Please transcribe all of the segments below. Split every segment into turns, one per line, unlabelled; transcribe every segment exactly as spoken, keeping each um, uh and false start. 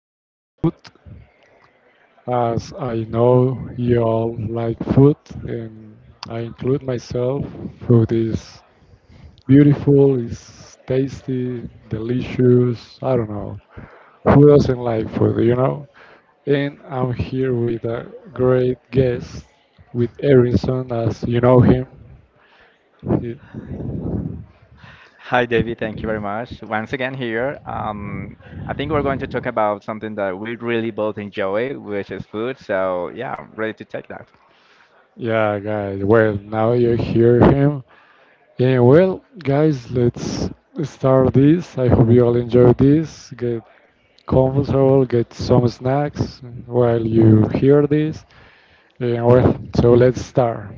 about food. As I know you all like food, and I include myself, food is beautiful, is tasty, delicious. I don't know. Who doesn't like food, you know? And I'm here with a great guest, with Erinson, as you know him.
Hi, David. Thank you very much. Once again here. Um, I think we're going to talk about something that we really both enjoy, which is food. So yeah, I'm ready to take that.
Yeah, guys. Well, now you hear him. Yeah, well, guys, let's start this. I hope you all enjoy this. Get comfortable, get some snacks while you hear this. Yeah, well, so let's start.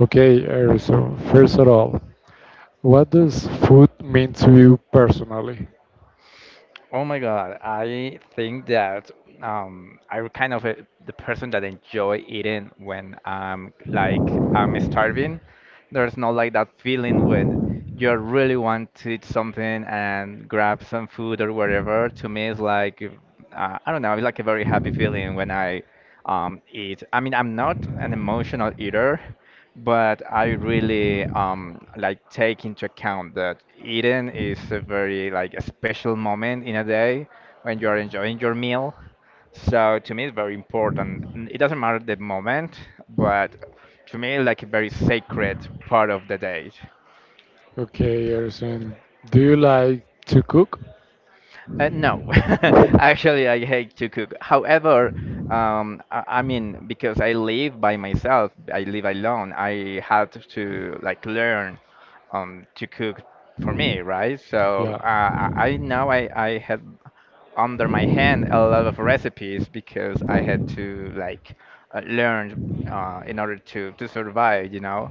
Okay, uh, so first of all, what does food mean to you personally?
Oh my God, I think that um, I'm kind of a, the person that enjoy eating when I'm like I'm starving. There's no like that feeling when you really want to eat something and grab some food or whatever. To me, it's like uh, I don't know. It's like a very happy feeling when I um, eat. I mean, I'm not an emotional eater, but I really um, like take into account that eating is a very like a special moment in a day when you are enjoying your meal. So to me, it's very important. N- It doesn't matter the moment, but to me, like a very sacred part of the day.
Okay, Erison, do you like to cook?
Uh, no, actually, I hate to cook. However, um, I, I mean, because I live by myself, I live alone. I had to like learn um, to cook for me, right? So
Yeah.
uh, I, I now I, I had under my hand a lot of recipes because I had to like uh, learn uh, in order to to survive, you know.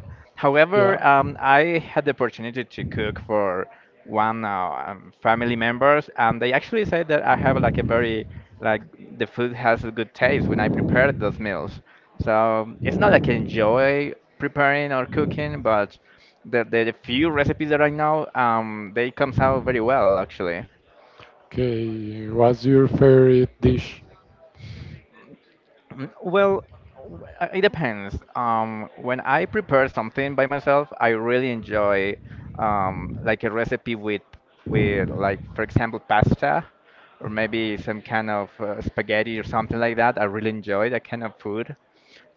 Yeah.
However, um, I had the opportunity to cook for one uh, um, family members, and they actually say that I have like a very like the food has a good taste when I prepare those meals. So it's not like I enjoy preparing or cooking, but the the, the few recipes that I know, um, they comes out very well actually.
Okay. What's your favorite dish?
Mm, well, w- uh, it depends. Um, when I prepare something by myself, I really enjoy um, like a recipe with with like for example pasta or maybe some kind of uh, spaghetti or something like that. I really enjoy that kind of food.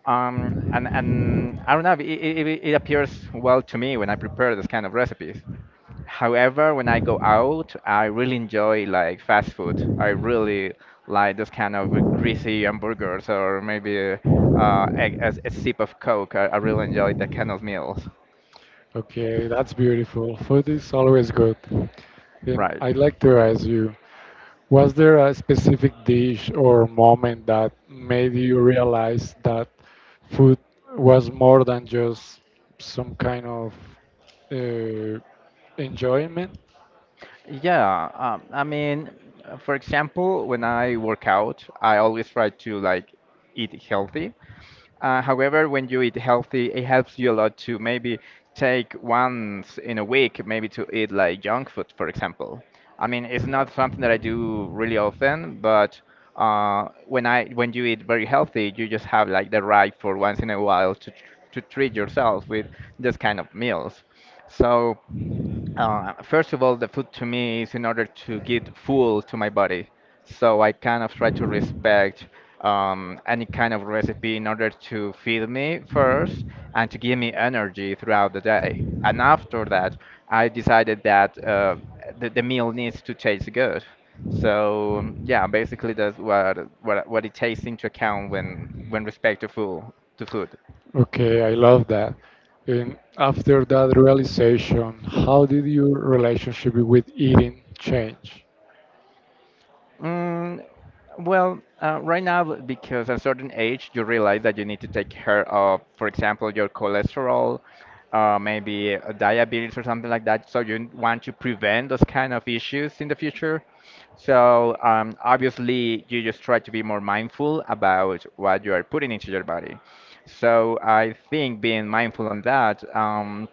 Um, and and I don't know, it, it, it appears well to me when I prepare this kind of recipes. However, when I go out, I really enjoy like fast food. I really like this kind of greasy hamburgers or maybe uh, a, a, a sip of Coke. I, I really enjoy that kind of meals.
Okay, that's beautiful. Food is always good. Then
Right.
I'd like to ask you, was there a specific dish or moment that made you realize that food was more than just some kind of uh, enjoyment?
Yeah, um, I mean, uh, for example, when I work out, I always try to like eat healthy. Uh, however, when you eat healthy, it helps you a lot to maybe take once in a week, maybe to eat like junk food, for example. I mean, it's
Yeah.
not something that I do really often, but uh, when I when you eat very healthy, you just have like the right for once in a while to tr- to treat yourself with this kind of meals. So uh, first of all, the food to me is in order to get full to my body. So I kind of try to respect um, any kind of recipe in order to feed me first and to give me energy throughout the day. And after that, I decided that uh, the, the meal needs to taste good. So um, yeah, basically that's what what what it takes into account when when respect to food to food.
Okay, I love that. And after that realization, how did your relationship with eating change?
Mm, well, uh, right now, b- because at a certain age, you realize that you need to take care of, for example, your cholesterol, uh, maybe uh, diabetes or something like that. So you n- want to prevent those kind of issues in the future. So um, obviously, you just try to be more mindful about what you are putting into your body. So I think being mindful on that, um,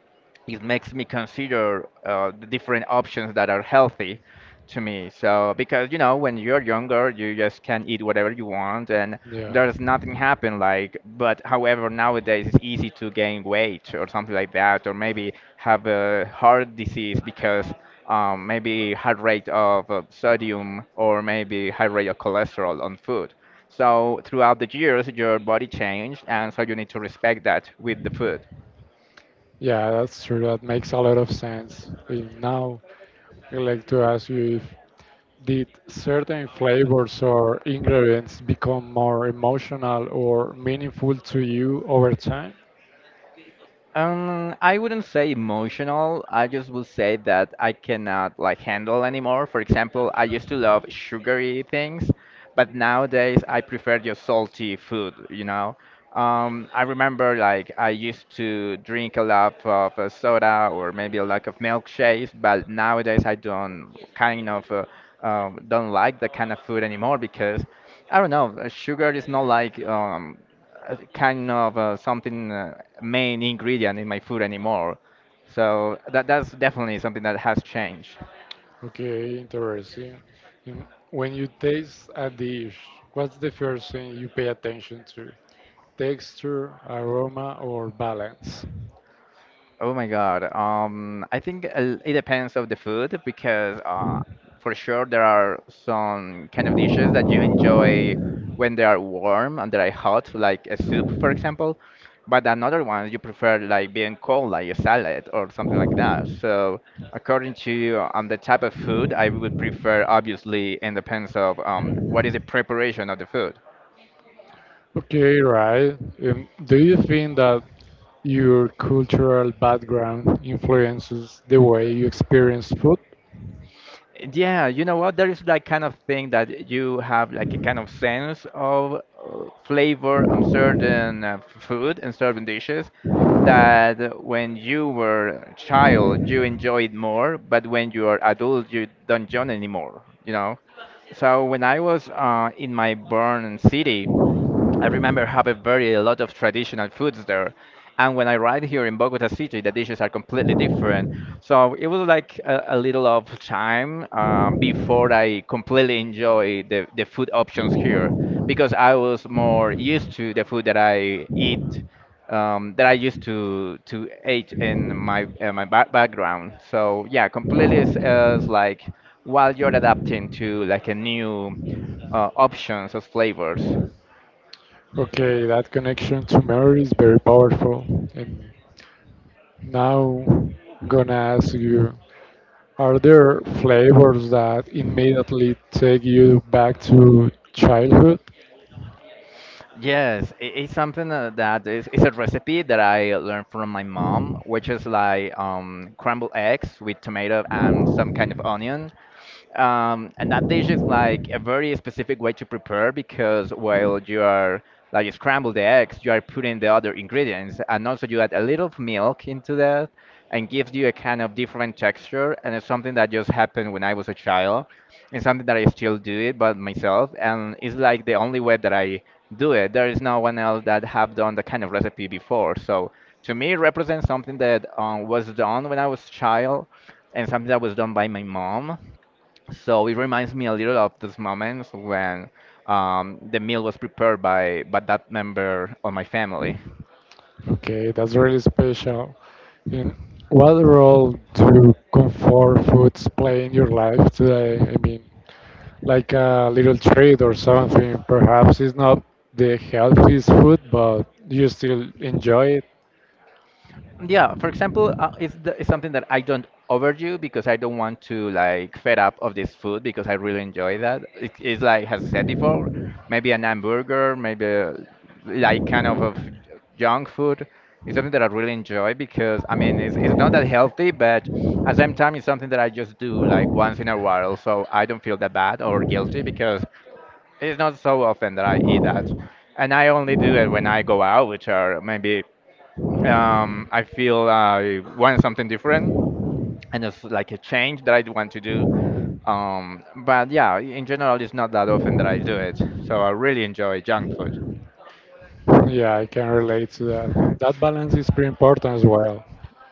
it makes me consider uh, the different options that are healthy to me. So because you know when you're younger, you just can eat whatever you want and
Yeah,
there's nothing happen like but however nowadays it's easy to gain weight or something like that or maybe have a heart disease because um, maybe high rate of uh, sodium or maybe high rate of cholesterol on food. So throughout the years, your body changed, and so you need to respect that with the food.
yeah, that's true. That makes a lot of sense. And now I'd like to ask you if did certain flavors or ingredients become more emotional or meaningful to you over time?
Um, I wouldn't say emotional. I just would say that I cannot like handle anymore. For example, I used to love sugary things, but nowadays I prefer just salty food, you know. Um, I remember like I used to drink a lot of uh, soda or maybe a lot of milkshakes, but nowadays I don't kind of uh, um, don't like that kind of food anymore because I don't know, uh, sugar is not like um uh, kind of uh, something uh, main ingredient in my food anymore. So that that's definitely something that has changed.
Okay, interesting. And when you taste a dish, what's the first thing you pay attention to? Texture, aroma, or balance?
Oh my God. Um, I think uh, it depends of the food because uh, for sure there are some kind of dishes that you enjoy when they are warm and they are hot, like a soup, for example. But another one you prefer like being cold, like a salad or something like that. So according to um, the type of food, I would prefer obviously it depends of um, what is the preparation of the food.
Okay, right. Um, do you think that your cultural background influences the way you experience food?
Yeah, you know what? There is that kind of thing that you have like a kind of sense of uh, flavor on certain uh, f- food and certain dishes that when you were a child you enjoyed more, but when you are adult you don't join anymore, you know? So when I was uh, in my born city, I remember having very a lot of traditional foods there. And when I arrived here in Bogota City, the dishes are completely different. So it was like a, a little of time uh, before I completely enjoy the, the food options here because I was more used to the food that I eat um, that I used to to eat in my uh, my ba background. So yeah, completely is, is like while you're adapting to like a new uh, options of flavors.
Okay, that connection to memory is very powerful. And now, gonna ask you, are there flavors that immediately take you back to childhood?
Yes, i- it's something uh, that is it's a recipe that I learned from my mom, which is like um, crumbled eggs with tomato and some kind of onion, um, and that dish is like a very specific way to prepare because while you are like you scramble the eggs, you are putting the other ingredients, and also you add a little of milk into that, and gives you a kind of different texture. And it's something that just happened when I was a child, and something that I still do it but myself, and it's like the only way that I do it. There is no one else that have done the kind of recipe before. So to me, it represents something that um, was done when I was child, and something that was done by my mom, so it reminds me a little of those moments when um, the meal was prepared by by that member of my family.
Okay, that's really special. And what role do comfort foods play in your life today? I mean, like a little treat or something. Perhaps it's not the healthiest food, but you still enjoy it.
Yeah, for example, uh, it's, the, it's something that I don't overdo because I don't want to like fed up of this food because I really enjoy that. It, it's like as I said before, maybe an hamburger, maybe uh, like kind of of junk food. It's something that I really enjoy because I mean it's, it's not that healthy, but at the same time it's something that I just do like once in a while, so I don't feel that bad or guilty because it's not so often that I eat that. And I only do it when I go out, which are maybe um, I feel I want something different, and it's like a change that I want to do. Um, but yeah, in general, it's not that often that I do it. So I really enjoy junk food.
Yeah, I can relate to that. That balance is pretty important as well.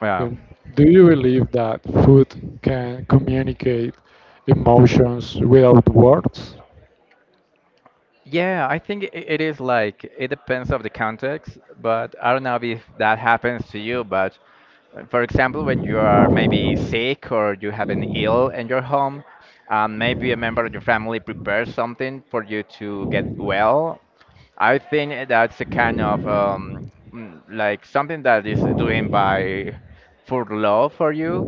Well,
Um, Do you believe that food can communicate emotions without words?
yeah, I think I it is like it depends of the context, but I don't know if that happens to you, but uh, for example, when you are maybe sick or you have an ill in your home, um, maybe a member of your family prepares something for you to get well, I think that's a kind of um, mm, like something that is doing by for love for you,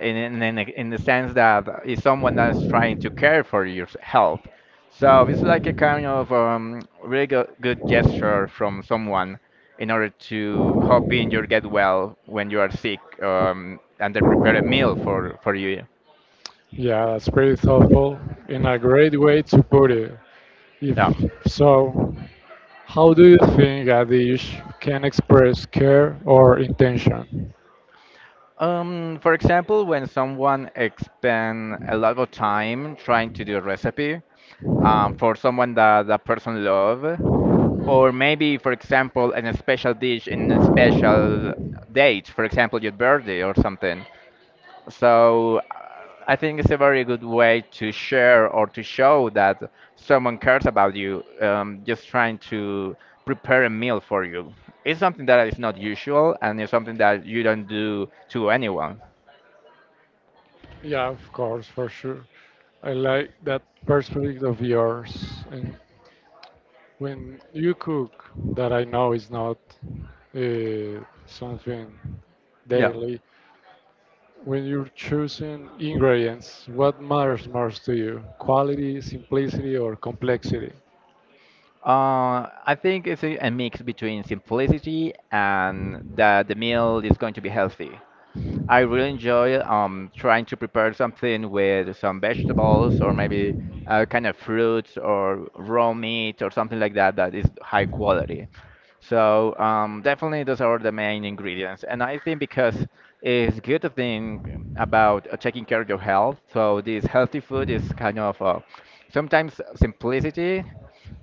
in in in, a- in the sense that it's someone that's trying to care for your s- health. So it's like a kind of um, really go good gesture from someone in order to hoping you'll get well when you are sick, um, and they prepare a meal for for you.
Yeah, that's pretty thoughtful and a great way to put it. If
Yeah.
so, how do you think a dish can express care or intention?
Um, for example, when someone expend a lot of time trying to do a recipe, um, for someone that that person love, or maybe, for example, an special dish in a special date, for example, your birthday or something. So uh, I think it's a very good way to share or to show that someone cares about you, um, just trying to prepare a meal for you. It's something that is not usual and it's something that you don't do to anyone.
Yeah, of course, for sure. I like that perspective of yours. And when you cook, that I know is not uh, something
Yeah.
daily, when you're choosing ingredients, what matters most to you? Quality, simplicity, or complexity?
Uh, I think it's a, a mix between simplicity and that the meal is going to be healthy. I really enjoy um, trying to prepare something with some vegetables or maybe uh, kind of fruits or raw meat or something like that that is high quality. So um, definitely those are the main ingredients. And I think because it's good thing about uh, taking care of your health. So this healthy food is kind of uh, sometimes simplicity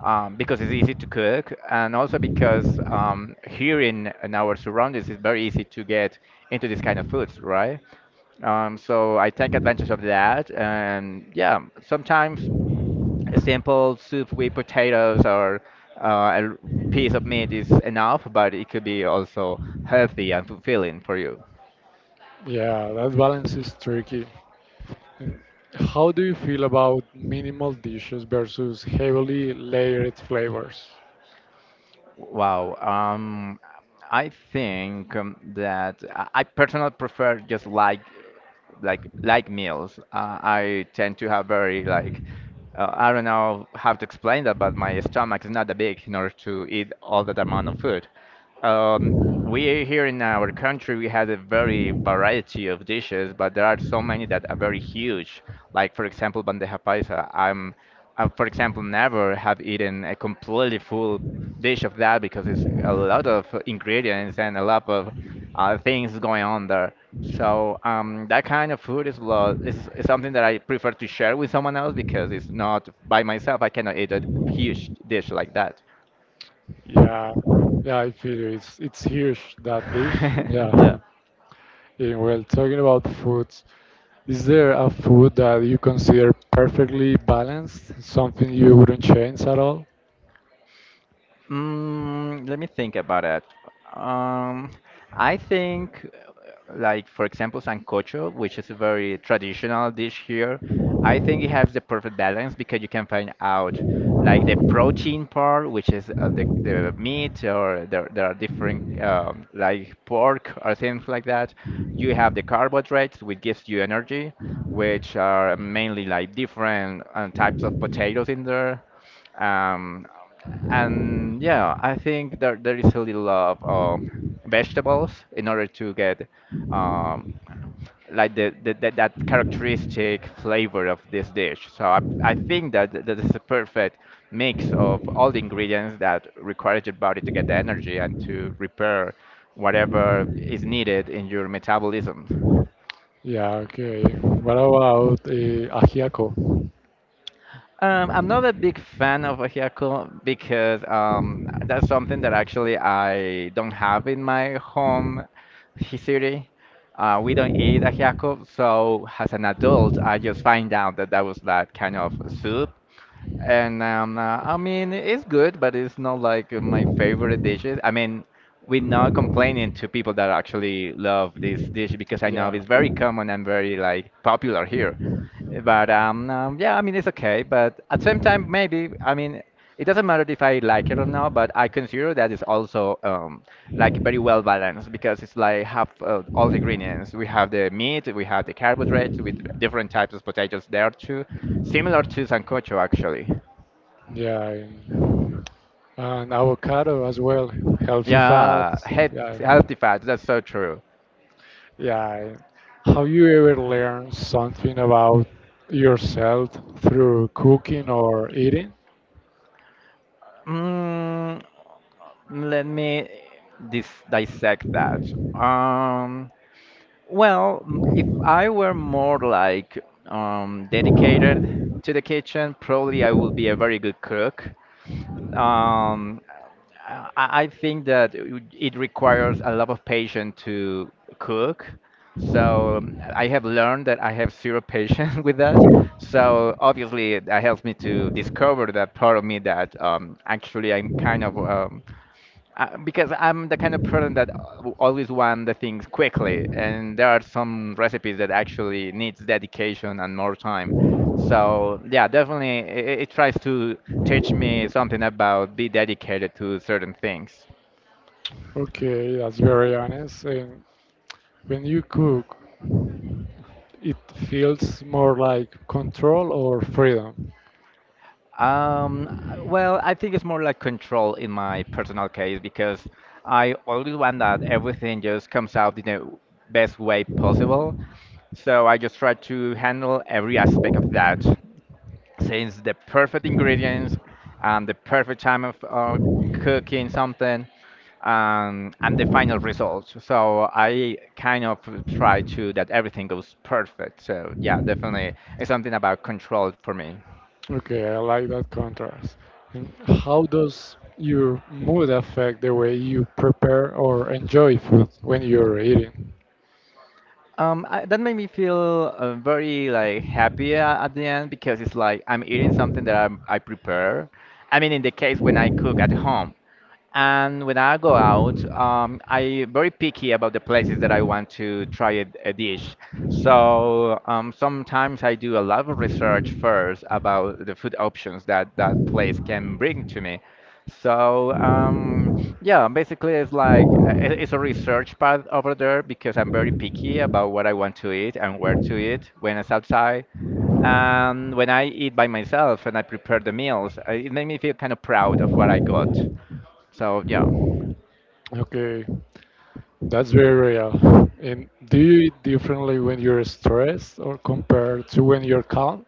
um, because it's easy to cook and also because um, here in, in our surroundings it's very easy to get into these kind of foods, right? Um, so I take advantage of that, and yeah, sometimes a simple soup with potatoes or uh, a piece of meat is enough, but it could be also healthy and fulfilling for you.
Yeah, that balance is tricky. How do you feel about minimal dishes versus heavily layered flavors?
Wow. Um, I think um, that I I personally prefer just like like like meals. Uh, I tend to have very like uh, I don't know how to explain that, but my stomach is not that big in order to eat all that amount of food. Um, we here in our country we have a very variety of dishes, but there are so many that are very huge. Like for example, bandeja paisa. I'm, I, for example, never have eaten a completely full dish of that because it's a lot of ingredients and a lot of uh, things going on there. So um, that kind of food is, lo is is something that I prefer to share with someone else because it's not by myself. I cannot eat a huge dish like that.
Yeah, yeah, I feel you. It's it's huge, that dish. Yeah.
Yeah.
Yeah, well, talking about foods, is there a food that you consider perfectly balanced? Something you wouldn't change at all?
Mm, let me think about it. Um, I think, uh, like for example, sancocho, which is a very traditional dish here, I think it has the perfect balance because you can find out like the protein part, which is uh, the the meat, or there there are different um, like pork or things like that. You have the carbohydrates, which gives you energy, which are mainly like different uh, types of potatoes in there. Um, and yeah, I think there there is a little of uh, vegetables in order to get um, like the, the, the that characteristic flavor of this dish. So I, I think that th- that is a perfect mix of all the ingredients that requires your body to get the energy and to repair whatever is needed in your metabolism.
Yeah, okay. What about uh, ajiaco?
Um, I'm not a big fan of a Hyaku because um, that's something that actually I don't have in my home hi- city. Uh, we don't eat a Hyaku, so as an adult, I just find out that that was that kind of soup. And um, uh, I mean, it's good, but it's not like my favorite dishes. I mean, we're not complaining to people that actually love this dish because I know
Yeah,
it's very common and very like popular here. But um, um, Yeah, I mean it's okay. But at the same time, maybe I mean it doesn't matter if I like it or not. But I consider that it's also um, like very well balanced because it's like have uh, all the ingredients. We have the meat, we have the carbohydrates with different types of potatoes there too, similar to sancocho actually.
yeah. I- And avocado as well, healthy
Yeah,
fats.
head,
Yeah,
healthy fats. That's so true.
yeah. Have you ever learned something about yourself through cooking or eating?
Mm, let me dis dissect that. Um, Well, m- if I were more like um, dedicated to the kitchen, probably I would be a very good cook. Um, I, I think that it would- it requires a lot of patience to cook. So um, I have learned that I have zero patience with that. So obviously that helps me to discover that part of me that um, actually I'm kind of um, uh, because I'm the kind of person that al- always want the things quickly, and there are some recipes that actually needs dedication and more time. So yeah, definitely it, it tries to teach me something about be dedicated to certain things.
Okay, that's very honest. And when you cook, it feels more like control or freedom.
Um, well, I think it's more like control in my personal case because I always want that everything just comes out in the best way possible. So I just try to handle every aspect of that. Since the perfect ingredients and the perfect time of uh, cooking something um, and the final results. So I kind of try to that everything goes perfect. So yeah, definitely it's something about control for me.
Okay, I like that contrast. And how does your mood affect the way you prepare or enjoy food when you're eating?
Um, I, that made me feel uh, very like happy a- at the end because it's like I'm eating something that i I prepare. I mean, in the case when I cook at home, and when I go out, um, I very picky about the places that I want to try a, a dish. So um, sometimes I do a lot of research first about the food options that that place can bring to me. So um, yeah, basically it's like uh, it- it's a research part over there because I'm very picky about what I want to eat and where to eat when it's outside. And when I eat by myself and I prepare the meals, uh, it made me feel kind of proud of what I got. So yeah.
Okay, that's very real. And do you eat differently when you're stressed or compared to when you're calm?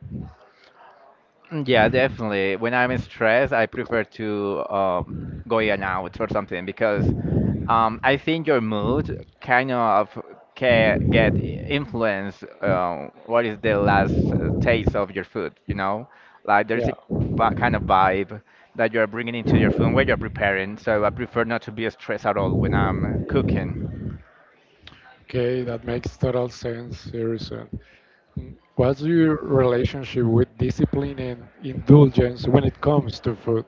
Mm, yeah, definitely. When I'm stressed, I prefer to um, going out or something because um, I think your mood kind of can get influenced. Uh, what is the last uh, taste of your food? You know, like there's a
Yeah.
vi- kind of vibe that you're bringing into your food when you're preparing. So I prefer not to be stressed at all when I'm cooking.
Okay, that makes total sense, Harrison. Mm, what's your relationship with discipline and indulgence when it comes to food?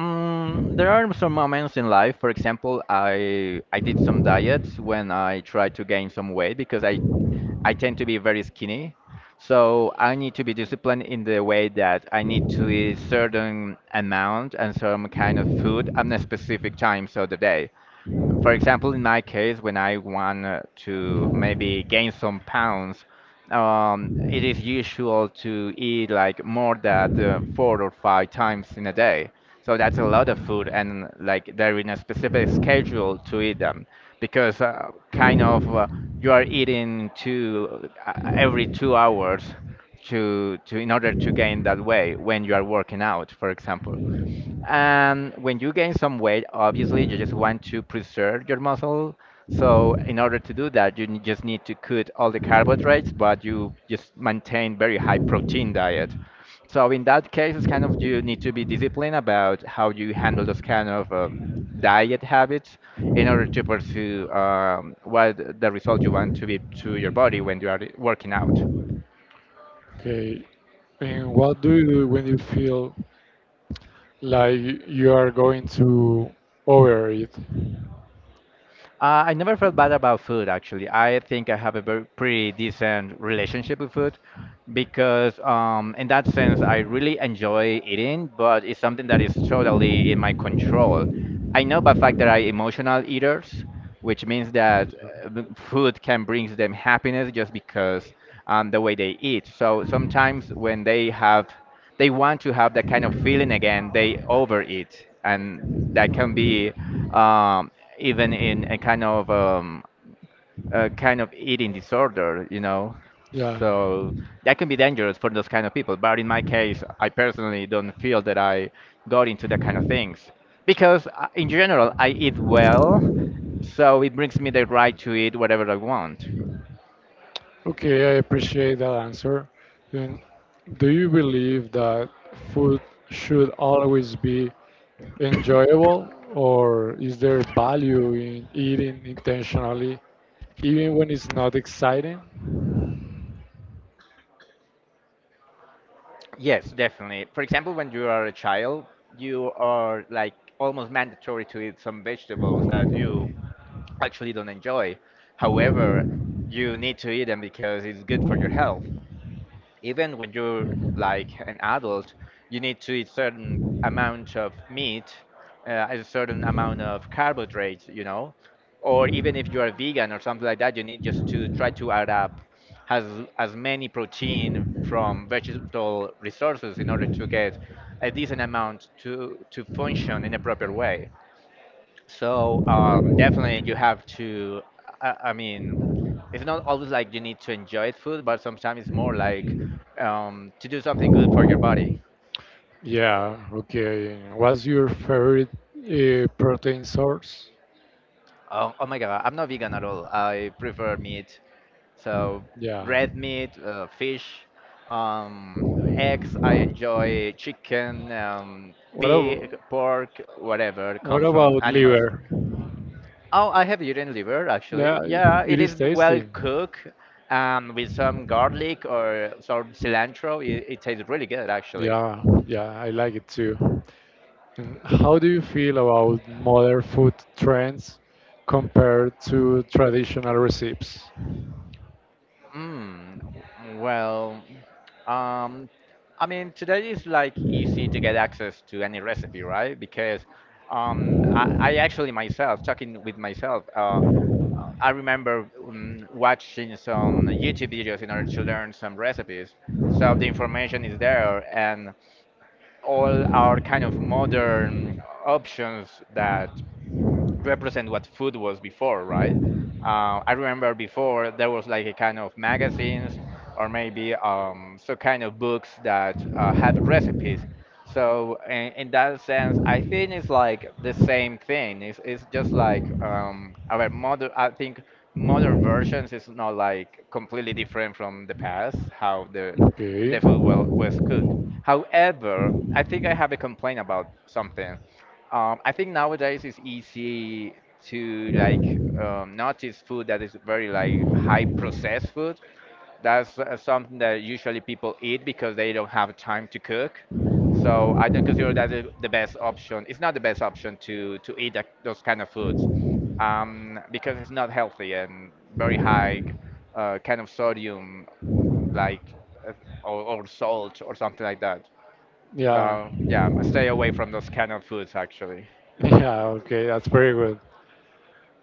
Mm, there are some moments in life. For example, I I did some diets when I tried to gain some weight because I I tend to be very skinny. So I need to be disciplined in the way that I need to eat certain amount and some kind of food at a specific time of the day. For example, in my case, when I want uh, to maybe gain some pounds, um, it is usual to eat like more than uh, four or five times in a day. So that's a lot of food, and like they're in a specific schedule to eat them because uh, kind of uh, you are eating two uh, every two hours to to in order to gain that way when you are working out, for example. And when you gain some weight, obviously you just want to preserve your muscle. So in order to do that, you n- just need to cut all the carbohydrates, but you just maintain very high protein diet. So in that case, it's kind of you need to be disciplined about how you handle those kind of um, diet habits in order to pursue um, what the result you want to be to your body when you are working out.
Okay, and what do you do when you feel like you are going to overeat?
Uh, I never felt bad about food, actually. I think I have a very pretty decent relationship with food because, um, in that sense, I really enjoy eating, but it's something that is totally in my control. I know by fact that I emotional eaters, which means that uh, the food can bring them happiness just because um, the way they eat. So sometimes when they have they want to have that kind of feeling again. They overeat, and that can be um, even in a kind of um, a kind of eating disorder, you know.
Yeah.
So that can be dangerous for those kind of people. But in my case, I personally don't feel that I got into that kind of things because uh, in general I eat well, so it brings me the right to eat whatever I want.
Okay, I appreciate that answer. And do you believe that food should always be enjoyable, or is there value in eating intentionally even when it's not exciting?
Yes, definitely. For example, when you are a child, you are like almost mandatory to eat some vegetables that you actually don't enjoy. However, you need to eat them because it's good for your health even when you're like an adult, you need to eat certain amount of meat, uh, a certain amount of carbohydrates, you know, or even if you are vegan or something like that, you need just to try to add up as as many protein from vegetable resources in order to get a decent amount to to function in a proper way. So um, definitely you have to. I, I mean, it's not always like you need to enjoy food, but sometimes it's more like um, to do something good for your body.
Yeah, okay. What's your favorite uh, protein source?
Oh, oh my God, I'm not vegan at all. I prefer meat, so
Yeah.
red meat, uh, fish, um, eggs. I enjoy chicken, um,
What,
pig,
ab-
pork, whatever
what
comes from
about
animals.
liver?
Oh, I have eaten liver
Yeah,
actually. Yeah,
it
it
is
is well
tasty.
cooked um, with some garlic or some cilantro. It, it tastes really good actually.
Yeah, yeah, I like it too. And how do you feel about modern food trends compared to traditional recipes?
Mm, well, um, I mean, today is like easy to get access to any recipe, right? Because um, I, I actually myself, talking with myself, uh, I remember um, watching some YouTube videos in order to learn some recipes. So the information is there, and all our kind of modern options that represent what food was before, right? Uh, I remember before there was like a kind of magazines or maybe um, some kind of books that uh, had recipes, so in, in that sense, I think it's like the same thing. It's, it's just like um, our modern, I think modern versions is not like completely different from the past, how the,
Okay.
the food wa- was cooked. However, I think I have a complaint about something. Um, I think nowadays it's easy to like um, notice food that is very like high processed food. That's uh, something that usually people eat because they don't have time to cook. So I don't consider that the the best option. It's not the best option to to eat that, those kind of foods um, because it's not healthy and very high uh, kind of sodium, like uh, or, or salt or something like that.
Yeah.
So yeah, stay away from those kind of foods actually.
Yeah, okay, that's pretty good.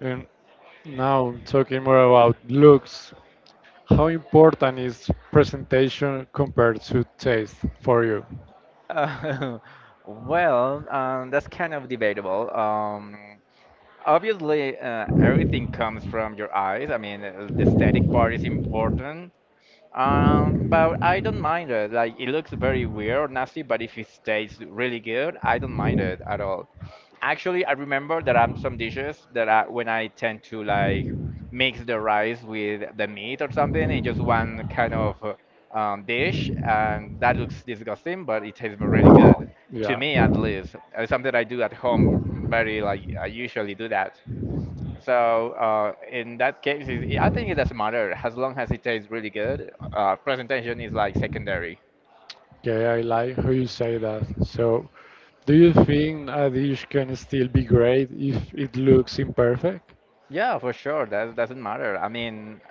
And now talking more about looks, how important is presentation compared to taste for you?
Uh, well, um, that's kind of debatable. Um, obviously, uh, everything comes from your eyes. I mean, uh, the aesthetic part is important. Um, but I don't mind it. Like it looks very weird or nasty, but if it tastes really good, I don't mind it at all. Actually, I remember there are some dishes that I, when I tend to like mix the rice with the meat or something in just one kind of uh, um, dish, and that looks disgusting, but it tastes really good to
Yeah.
me at least. Uh, something I do at home very like I usually do that. So uh, in that case, it- it- I think it doesn't matter as long as it tastes really good. Uh, presentation is like secondary.
Okay, I like how you say that. So, do you think a dish can still be great if it looks imperfect?
Yeah, for sure. That doesn't matter. I mean,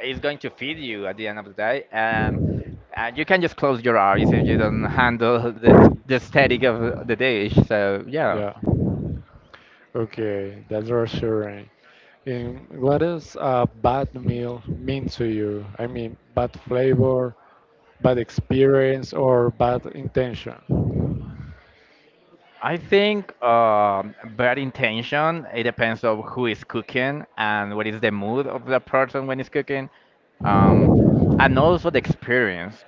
it's going to feed you at the end of the day, and and you can just close your eyes if you don't handle the the the static of the dish. So yeah,
Yeah. Okay, that's reassuring. And what does a bad meal mean to you? I mean, bad flavor, bad experience, or bad intention?
I think um, bad intention. It depends of who is cooking and what is the mood of the person when he's cooking. Um, and also the experience.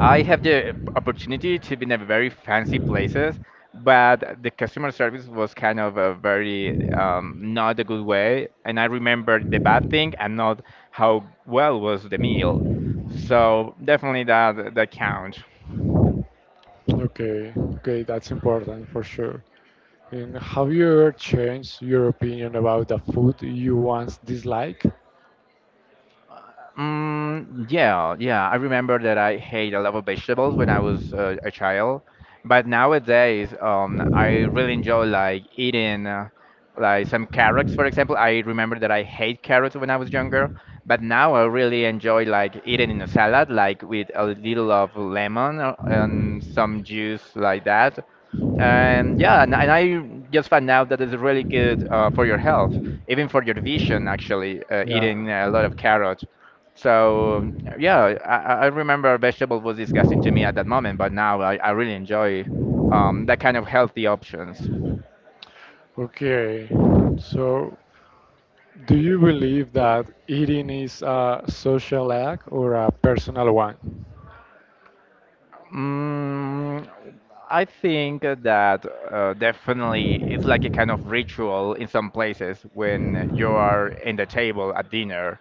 I have the opportunity to be in a very fancy places, but the customer service was kind of a very um, not a good way, and I remember the bad thing and not how well was the meal. So definitely that that counts.
Okay, okay, that's important for sure. And have you ever changed your opinion about the food you once disliked?
Mm, yeah, yeah. I remember that I hate a lot of vegetables when I was uh, a child, but nowadays, um, I really enjoy like eating uh, like some carrots, for example. I remember that I hate carrots when I was younger, but now I really enjoy like eating in a salad, like with a little of lemon or- and some juice like that and yeah and, and I just found out that it's really good uh, for your health even for your vision actually uh,
Yeah.
eating a lot of carrots so yeah i, I I remember vegetable was disgusting to me at that moment but now i, I really enjoy um, that kind of healthy options.
Okay. So, do you believe that eating is a social act or a personal one?
Mm, I think that uh, definitely it's like a kind of ritual in some places when you are in the table at dinner.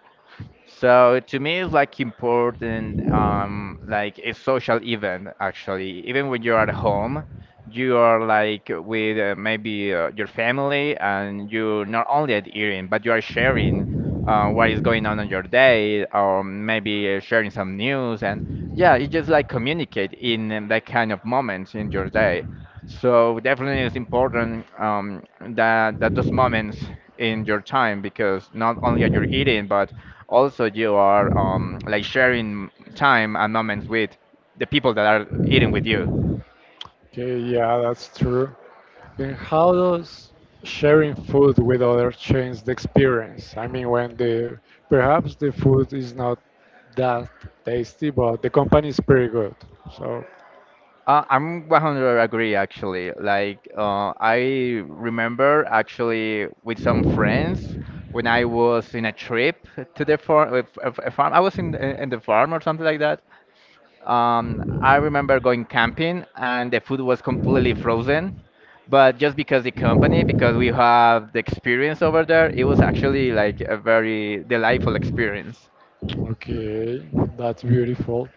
So to me, it's like important, um, like a social event actually. Even when you're at home, you are like with uh, maybe uh, your family, and you not only at eating, but you are sharing uh, what is going on in your day, or maybe uh, sharing some news, and yeah, you just like communicate in um, that kind of moments in your day. So definitely it's important um, that that those moments in your time because not only are you eating but also you are um, like sharing time and moments with the people that are eating with you.
Okay, yeah, that's true. And how does sharing food with others change the experience? I mean, when the perhaps the food is not that tasty, but the company is pretty good. So.
Uh, I'm one hundred agree actually. Like uh, I remember actually with some friends when I was in a trip to the farm, a farm. I was in in the farm or something like that. Um, I remember going camping and the food was completely frozen, but just because the company, because we have the experience over there, it was actually like a very delightful experience.
Okay, that's beautiful.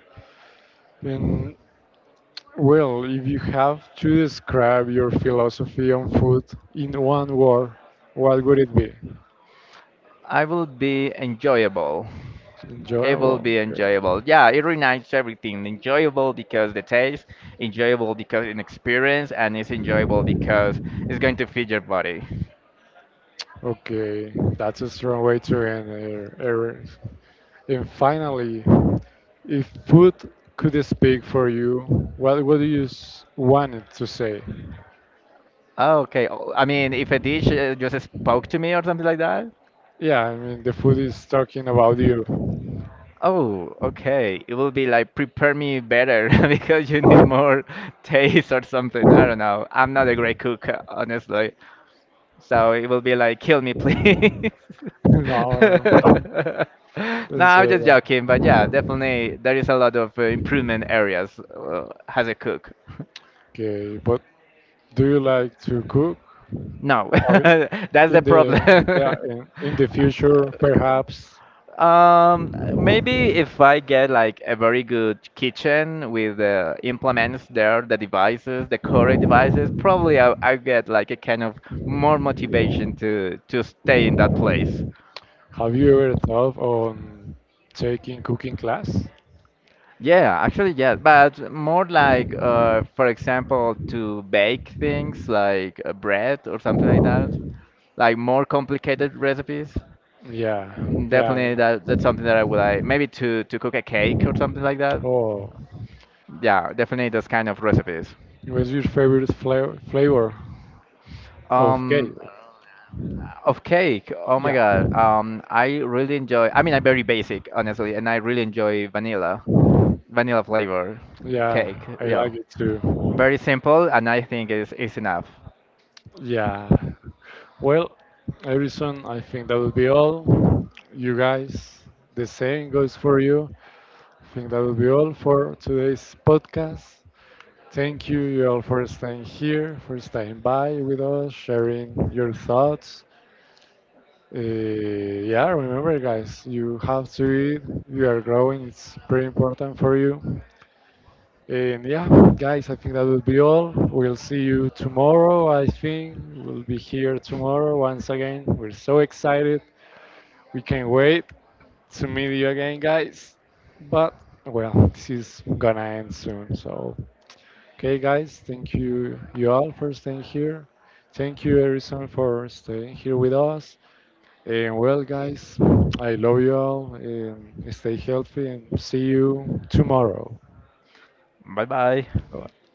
And well, if you have to describe your philosophy on food in one word, what would it be?
I will be enjoyable. It will
Enjoyable.
be
Yeah.
enjoyable. Yeah, it reunites everything. Enjoyable because the taste, enjoyable because an experience, and it's enjoyable because it's going to feed your body.
Okay, that's a strong way to end er- errors. And finally, if food could speak for you, what would you s- want it to say?
Okay, oh, okay. I mean, if a dish uh, just spoke to me or something like that.
Yeah, I mean, the food is talking about you.
Oh, okay. It will be like prepare me better because you need more taste or something. I don't know. I'm not a great cook, uh, honestly. So it will be like kill me, please.
No, no,
No,
let's
I'm
say
just
that.
joking, but yeah, definitely there is a lot of uh, improvement areas uh, as a cook.
Okay, but do you like to cook?
No,
Have you-
that's the
in the
problem.
Yeah, in, in the future, perhaps,
Um, maybe if I get like a very good kitchen with the implements there, the devices, the Corey devices, probably I, I get like a kind of more motivation to to stay in that place.
have you ever thought on taking cooking class?
Yeah, actually, yeah, but more like, uh, for example, to bake things like uh, bread or something like that, like more complicated recipes.
Yeah,
Um,
yeah.
Definitely that that's something that I would like, maybe to to cook a cake or something like that.
Oh,
Yeah, definitely those kind of recipes.
what's your favorite flavor flavor of cake?
Um, of cake. Oh my
Yeah,
God. Um, I really enjoy. I mean, I'm very basic, honestly, and I really enjoy vanilla, vanilla flavor cake.
yeah, I
Yeah,
like it too.
very simple, and I think it's is enough.
Yeah. Well, Harrison, I think that will be all. You guys, the same goes for you. I think that will be all for today's podcast. Thank you, you all, for staying here, for staying by with us, sharing your thoughts. Uh, yeah, remember, guys, you have to eat. You are growing, it's pretty important for you. And yeah, guys, I think that will be all. We'll see you tomorrow. I think we'll be here tomorrow once again. We're so excited. We can't wait to meet you again, guys. But well, this is gonna end soon. So, okay, guys, thank you, you all, for staying here. Thank you, Harrison, for staying here with us. And well, guys, I love you all. And stay healthy and see you tomorrow.
Bye bye.
Bye.